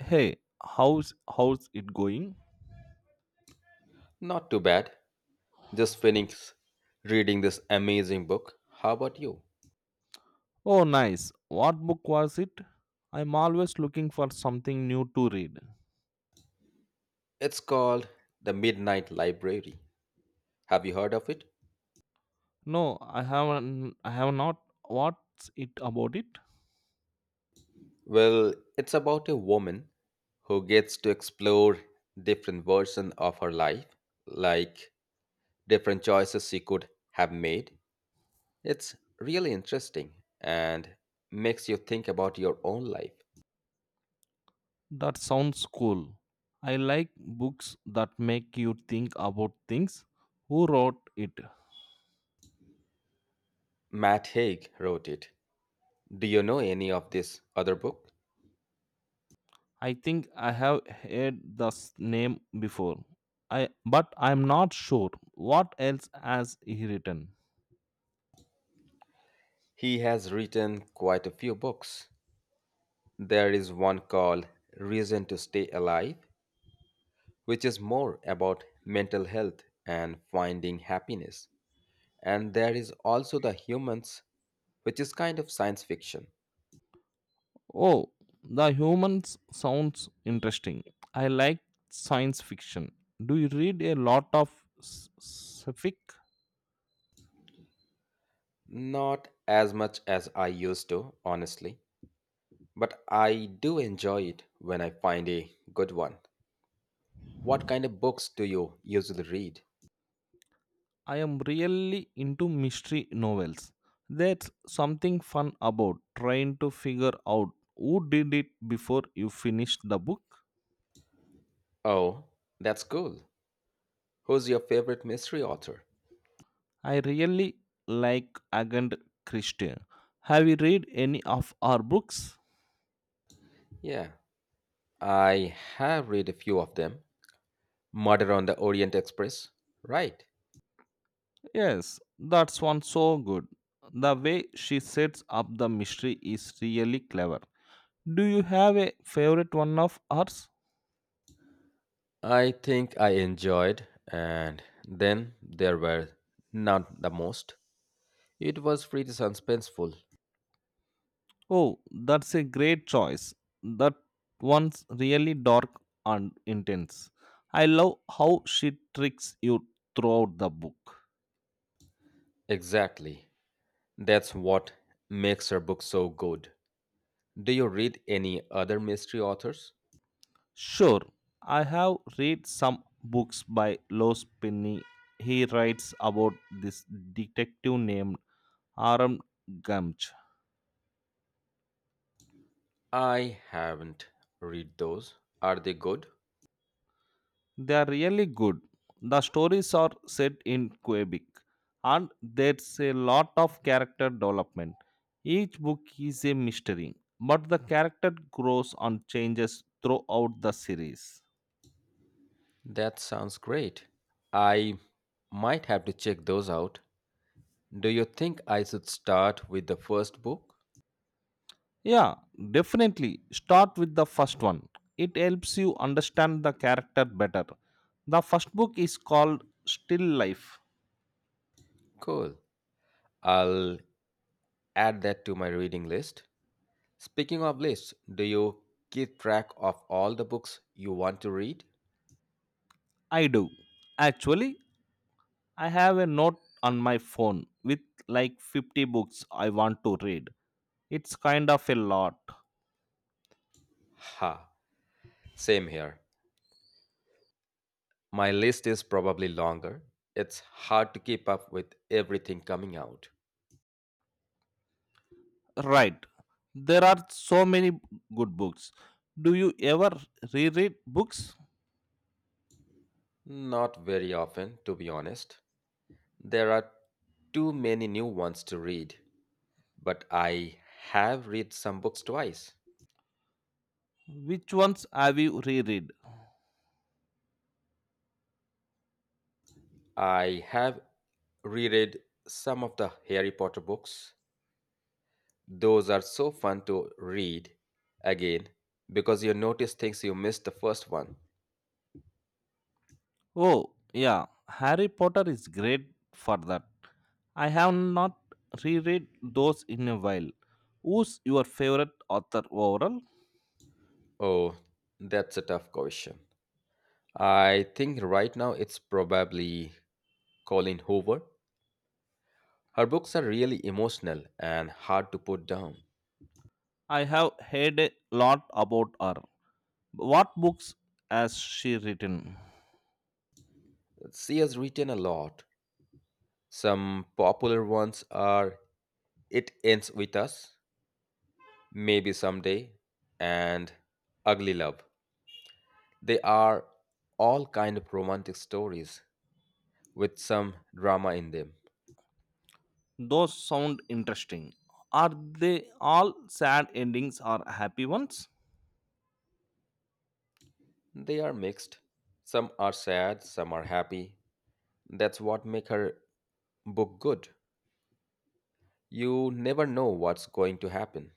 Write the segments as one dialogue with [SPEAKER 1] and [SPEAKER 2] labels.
[SPEAKER 1] Hey, how's it going?
[SPEAKER 2] Not too bad. Just finished reading this amazing book. How about you?
[SPEAKER 1] Oh, nice. What book was it? I'm always looking for something new to read.
[SPEAKER 2] It's called The Midnight Library. Have you heard of it?
[SPEAKER 1] No, I haven't. I have not. What's it about it?
[SPEAKER 2] Well, it's about a woman who gets to explore different versions of her life, like different choices she could have made. It's really interesting and makes you think about your own life.
[SPEAKER 1] That sounds cool. I like books that make you think about things. Who wrote it?
[SPEAKER 2] Matt Haig wrote it. Do you know any of this other book?
[SPEAKER 1] I think I have heard this name before. I but I'm not sure. What else has he written?
[SPEAKER 2] He has written quite a few books. There is one called Reason to Stay Alive, which is more about mental health and finding happiness. And there is also The Humans, which is kind of science fiction.
[SPEAKER 1] Oh, the humans sounds interesting. I like science fiction. Do you read a lot of scific?
[SPEAKER 2] Not as much as I used to, honestly, but I do enjoy it when I find a good one. What kind of books do you usually read?
[SPEAKER 1] I am really into mystery novels. There's something fun about trying to figure out who did it before you finish the book.
[SPEAKER 2] Oh, that's cool. Who's your favorite mystery author?
[SPEAKER 1] I really like Agatha Christie. Have you read any of our books?
[SPEAKER 2] Yeah, I have read a few of them. Murder on the Orient Express, right?
[SPEAKER 1] Yes, that's one so good. The way she sets up the mystery is really clever. Do you have a favorite one of hers?
[SPEAKER 2] I think I enjoyed, and then there were not the most. It was pretty suspenseful.
[SPEAKER 1] Oh, that's a great choice. That one's really dark and intense. I love how she tricks you throughout the book.
[SPEAKER 2] Exactly. That's what makes her book so good. Do you read any other mystery authors?
[SPEAKER 1] Sure, I have read some books by Los Penny. He writes about this detective named Aram Gamch.
[SPEAKER 2] I haven't read those. Are they good?
[SPEAKER 1] They are really good. The stories are set in Quebec and there's a lot of character development. Each book is a mystery, but the character grows and changes throughout the series.
[SPEAKER 2] That sounds great. I might have to check those out. Do you think I should start with the first book?
[SPEAKER 1] Yeah, definitely start with the first one. It helps you understand the character better. The first book is called Still Life.
[SPEAKER 2] Cool. I'll add that to my reading list. Speaking of lists, do you keep track of all the books you want to read?
[SPEAKER 1] I do. Actually, I have a note on my phone with like 50 books I want to read. It's kind of a lot.
[SPEAKER 2] Ha, same here. My list is probably longer. It's hard to keep up with everything coming out.
[SPEAKER 1] Right. There are so many good books. Do you ever reread books?
[SPEAKER 2] Not very often, to be honest. There are too many new ones to read, but I have read some books twice.
[SPEAKER 1] Which ones have you reread?
[SPEAKER 2] I have reread some of the Harry Potter books. Those are so fun to read again because you notice things you missed the first one.
[SPEAKER 1] Oh, yeah. Harry Potter is great for that. I have not reread those in a while. Who's your favorite author overall?
[SPEAKER 2] Oh, that's a tough question. I think right now it's probably Colleen Hoover. Her books are really emotional and hard to put down.
[SPEAKER 1] I have heard a lot about her. What books has she written?
[SPEAKER 2] She has written a lot. Some popular ones are It Ends With Us, Maybe Someday, and Ugly Love. They are all kind of romantic stories with some drama in them.
[SPEAKER 1] Those sound interesting. Are they all sad endings or happy ones?
[SPEAKER 2] They are mixed. Some are sad, some are happy. That's what make her book good. You never know what's going to happen.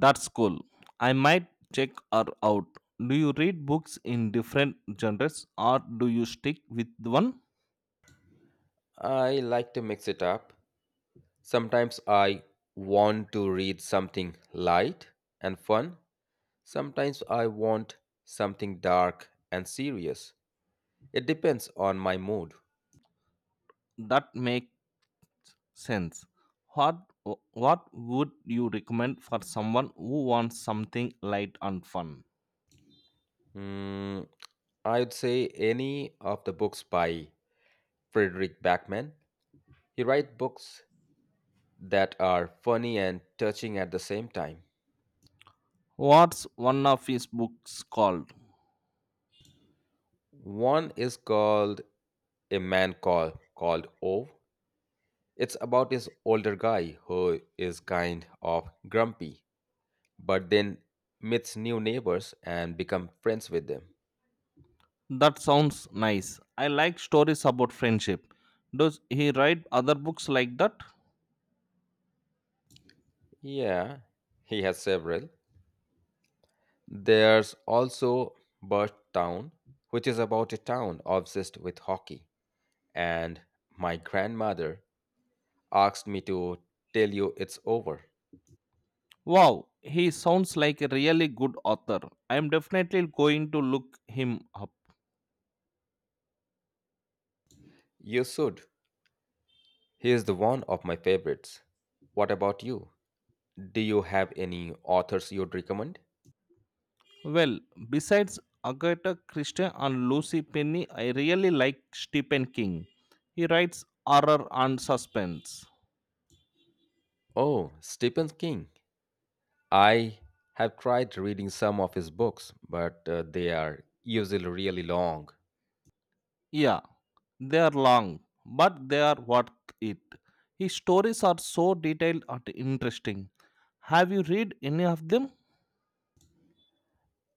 [SPEAKER 1] That's cool. I might check her out. Do you read books in different genres or do you stick with one?
[SPEAKER 2] I like to mix it up. Sometimes I want to read something light and fun. Sometimes I want something dark and serious. It depends on my mood.
[SPEAKER 1] That makes sense. What what would you recommend for someone who wants something light and fun?
[SPEAKER 2] Mm, I'd say any of the books by Frederick Backman. He writes books that are funny and touching at the same time.
[SPEAKER 1] What's one of his books called?
[SPEAKER 2] One is called A Man called Ove. It's about this older guy who is kind of grumpy, but then meets new neighbors and become friends with them.
[SPEAKER 1] That sounds nice. I like stories about friendship. Does he write other books like that?
[SPEAKER 2] Yeah, he has several. There's also Birth Town, which is about a town obsessed with hockey. And my grandmother asked me to tell you it's over.
[SPEAKER 1] Wow, he sounds like a really good author. I am definitely going to look him up.
[SPEAKER 2] You should. He is the one of my favorites. What about you? Do you have any authors you'd recommend?
[SPEAKER 1] Well, besides Agatha Christie and Lucy Penny, I really like Stephen King. He writes horror and suspense.
[SPEAKER 2] Oh, Stephen King. I have tried reading some of his books, but they are usually really long.
[SPEAKER 1] Yeah, they are long, but they are worth it. His stories are so detailed and interesting. Have you read any of them?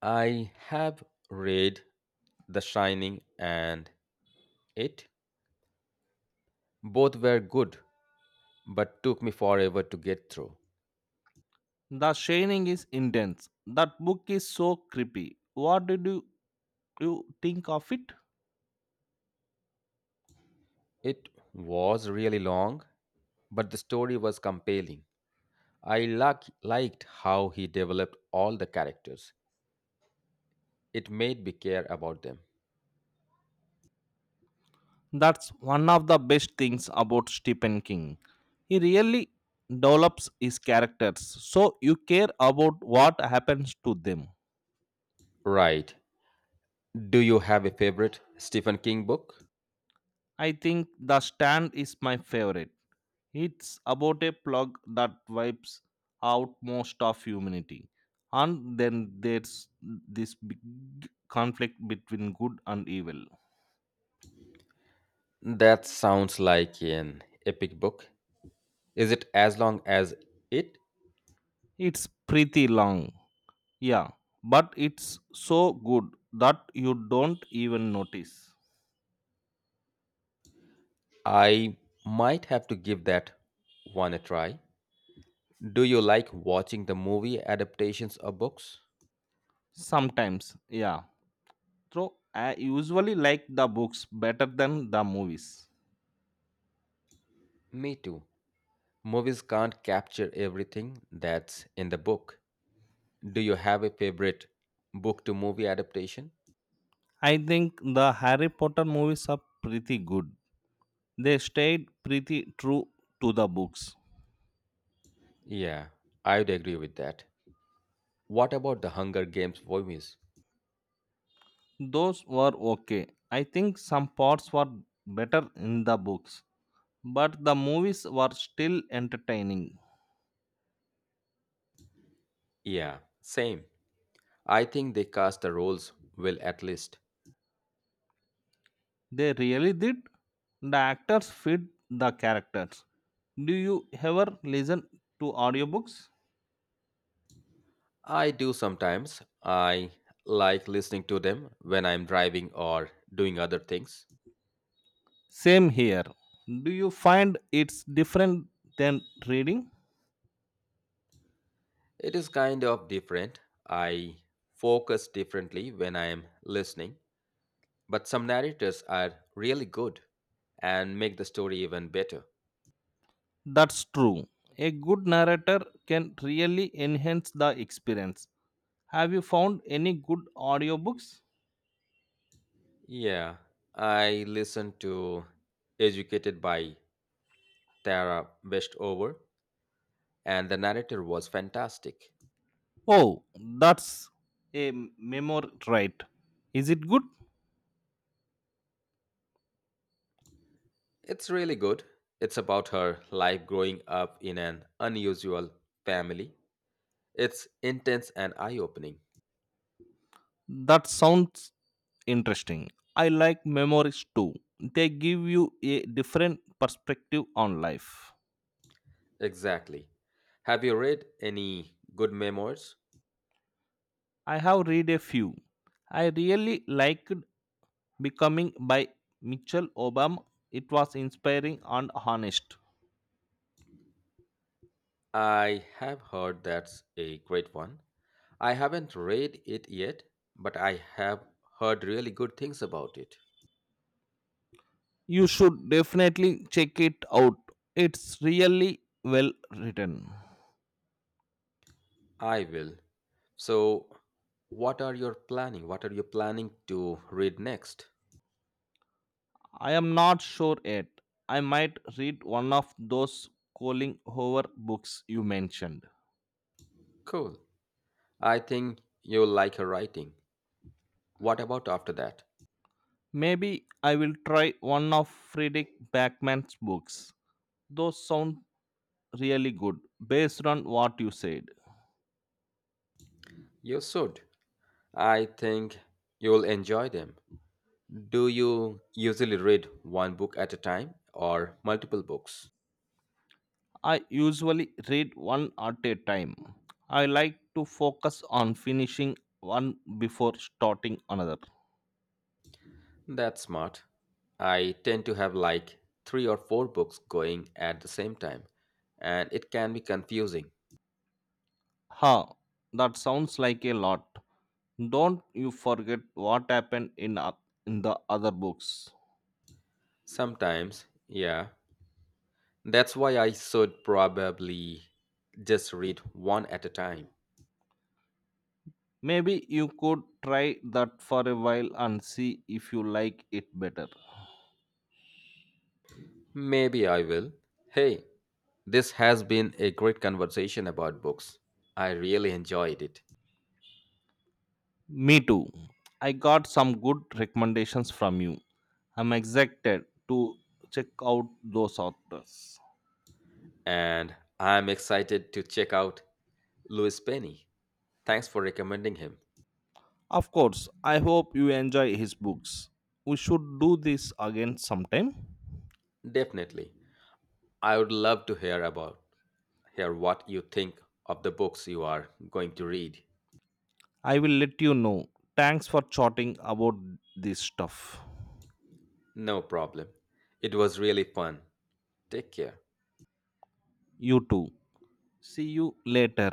[SPEAKER 2] I have read The Shining and It. Both were good, but took me forever to get through.
[SPEAKER 1] The shining is intense. That book is so creepy. You think of it?
[SPEAKER 2] It was really long, but the story was compelling. I liked how he developed all the characters. It made me care about them.
[SPEAKER 1] That's one of the best things about Stephen King. He really develops his characters, so you care about what happens to them.
[SPEAKER 2] Right. Do you have a favorite Stephen King book?
[SPEAKER 1] I think The Stand is my favorite. It's about a plug that wipes out most of humanity. And then there's this big conflict between good and evil.
[SPEAKER 2] That sounds like an epic book. Is it as long as it?
[SPEAKER 1] It's pretty long. Yeah, but it's so good that you don't even notice.
[SPEAKER 2] I might have to give that one a try. Do you like watching the movie adaptations of books?
[SPEAKER 1] Sometimes, yeah. So I usually like the books better than the movies.
[SPEAKER 2] Me too. Movies can't capture everything that's in the book. Do you have a favorite book to movie adaptation?
[SPEAKER 1] I think the Harry Potter movies are pretty good. They stayed pretty true to the books.
[SPEAKER 2] Yeah, I would agree with that. What about the Hunger Games movies?
[SPEAKER 1] Those were okay. I think some parts were better in the books, but the movies were still entertaining.
[SPEAKER 2] Yeah, same. I think they cast the roles well at least.
[SPEAKER 1] They really did. The actors fit the characters. Do you ever listen to audiobooks?
[SPEAKER 2] I do sometimes. I like listening to them when I'm driving or doing other things.
[SPEAKER 1] Same here. Do you find it's different than reading?
[SPEAKER 2] It is kind of different. I focus differently when I am listening. But some narrators are really good and make the story even better.
[SPEAKER 1] That's true. A good narrator can really enhance the experience. Have you found any good audiobooks?
[SPEAKER 2] Yeah, I listened to Educated by Tara Westover, and the narrator was fantastic.
[SPEAKER 1] Oh, that's a memoir, right? Is it good?
[SPEAKER 2] It's really good. It's about her life growing up in an unusual family. It's intense and eye opening.
[SPEAKER 1] That sounds interesting. I like memories too. They give you a different perspective on life.
[SPEAKER 2] Exactly. Have you read any good memoirs?
[SPEAKER 1] I have read a few. I really liked Becoming by Michelle Obama. It was inspiring and honest.
[SPEAKER 2] I have heard that's a great one. I haven't read it yet, but I have heard really good things about it.
[SPEAKER 1] You should definitely check it out. It's really well written.
[SPEAKER 2] I will. So, what are you planning to read next?
[SPEAKER 1] I am not sure yet. I might read one of those Colin Hoover books you mentioned.
[SPEAKER 2] Cool. I think you'll like her writing. What about after that?
[SPEAKER 1] Maybe I will try one of Friedrich Backman's books. Those sound really good based on what you said.
[SPEAKER 2] You should. I think you'll enjoy them. Do you usually read one book at a time or multiple books?
[SPEAKER 1] I usually read one at a time. I like to focus on finishing one before starting another.
[SPEAKER 2] That's smart. I tend to have like three or four books going at the same time, and it can be confusing
[SPEAKER 1] Ha, that sounds like a lot. Don't you forget what happened in the other books.
[SPEAKER 2] sometimes. Yeah, that's why I should probably just read one at a time.
[SPEAKER 1] Maybe you could try that for a while and see if you like it better.
[SPEAKER 2] Maybe I will. Hey, this has been a great conversation about books. I really enjoyed it,
[SPEAKER 1] Me too. I got some good recommendations from you. I'm excited to check out those authors.
[SPEAKER 2] and I'm excited to check out Louis Penny. Thanks for recommending him.
[SPEAKER 1] Of course, I hope you enjoy his books. We should do this again sometime.
[SPEAKER 2] Definitely. I would love to hear what you think of the books you are going to read.
[SPEAKER 1] I will let you know. Thanks for chatting about this stuff.
[SPEAKER 2] No problem. It was really fun. Take care.
[SPEAKER 1] You too. See you later.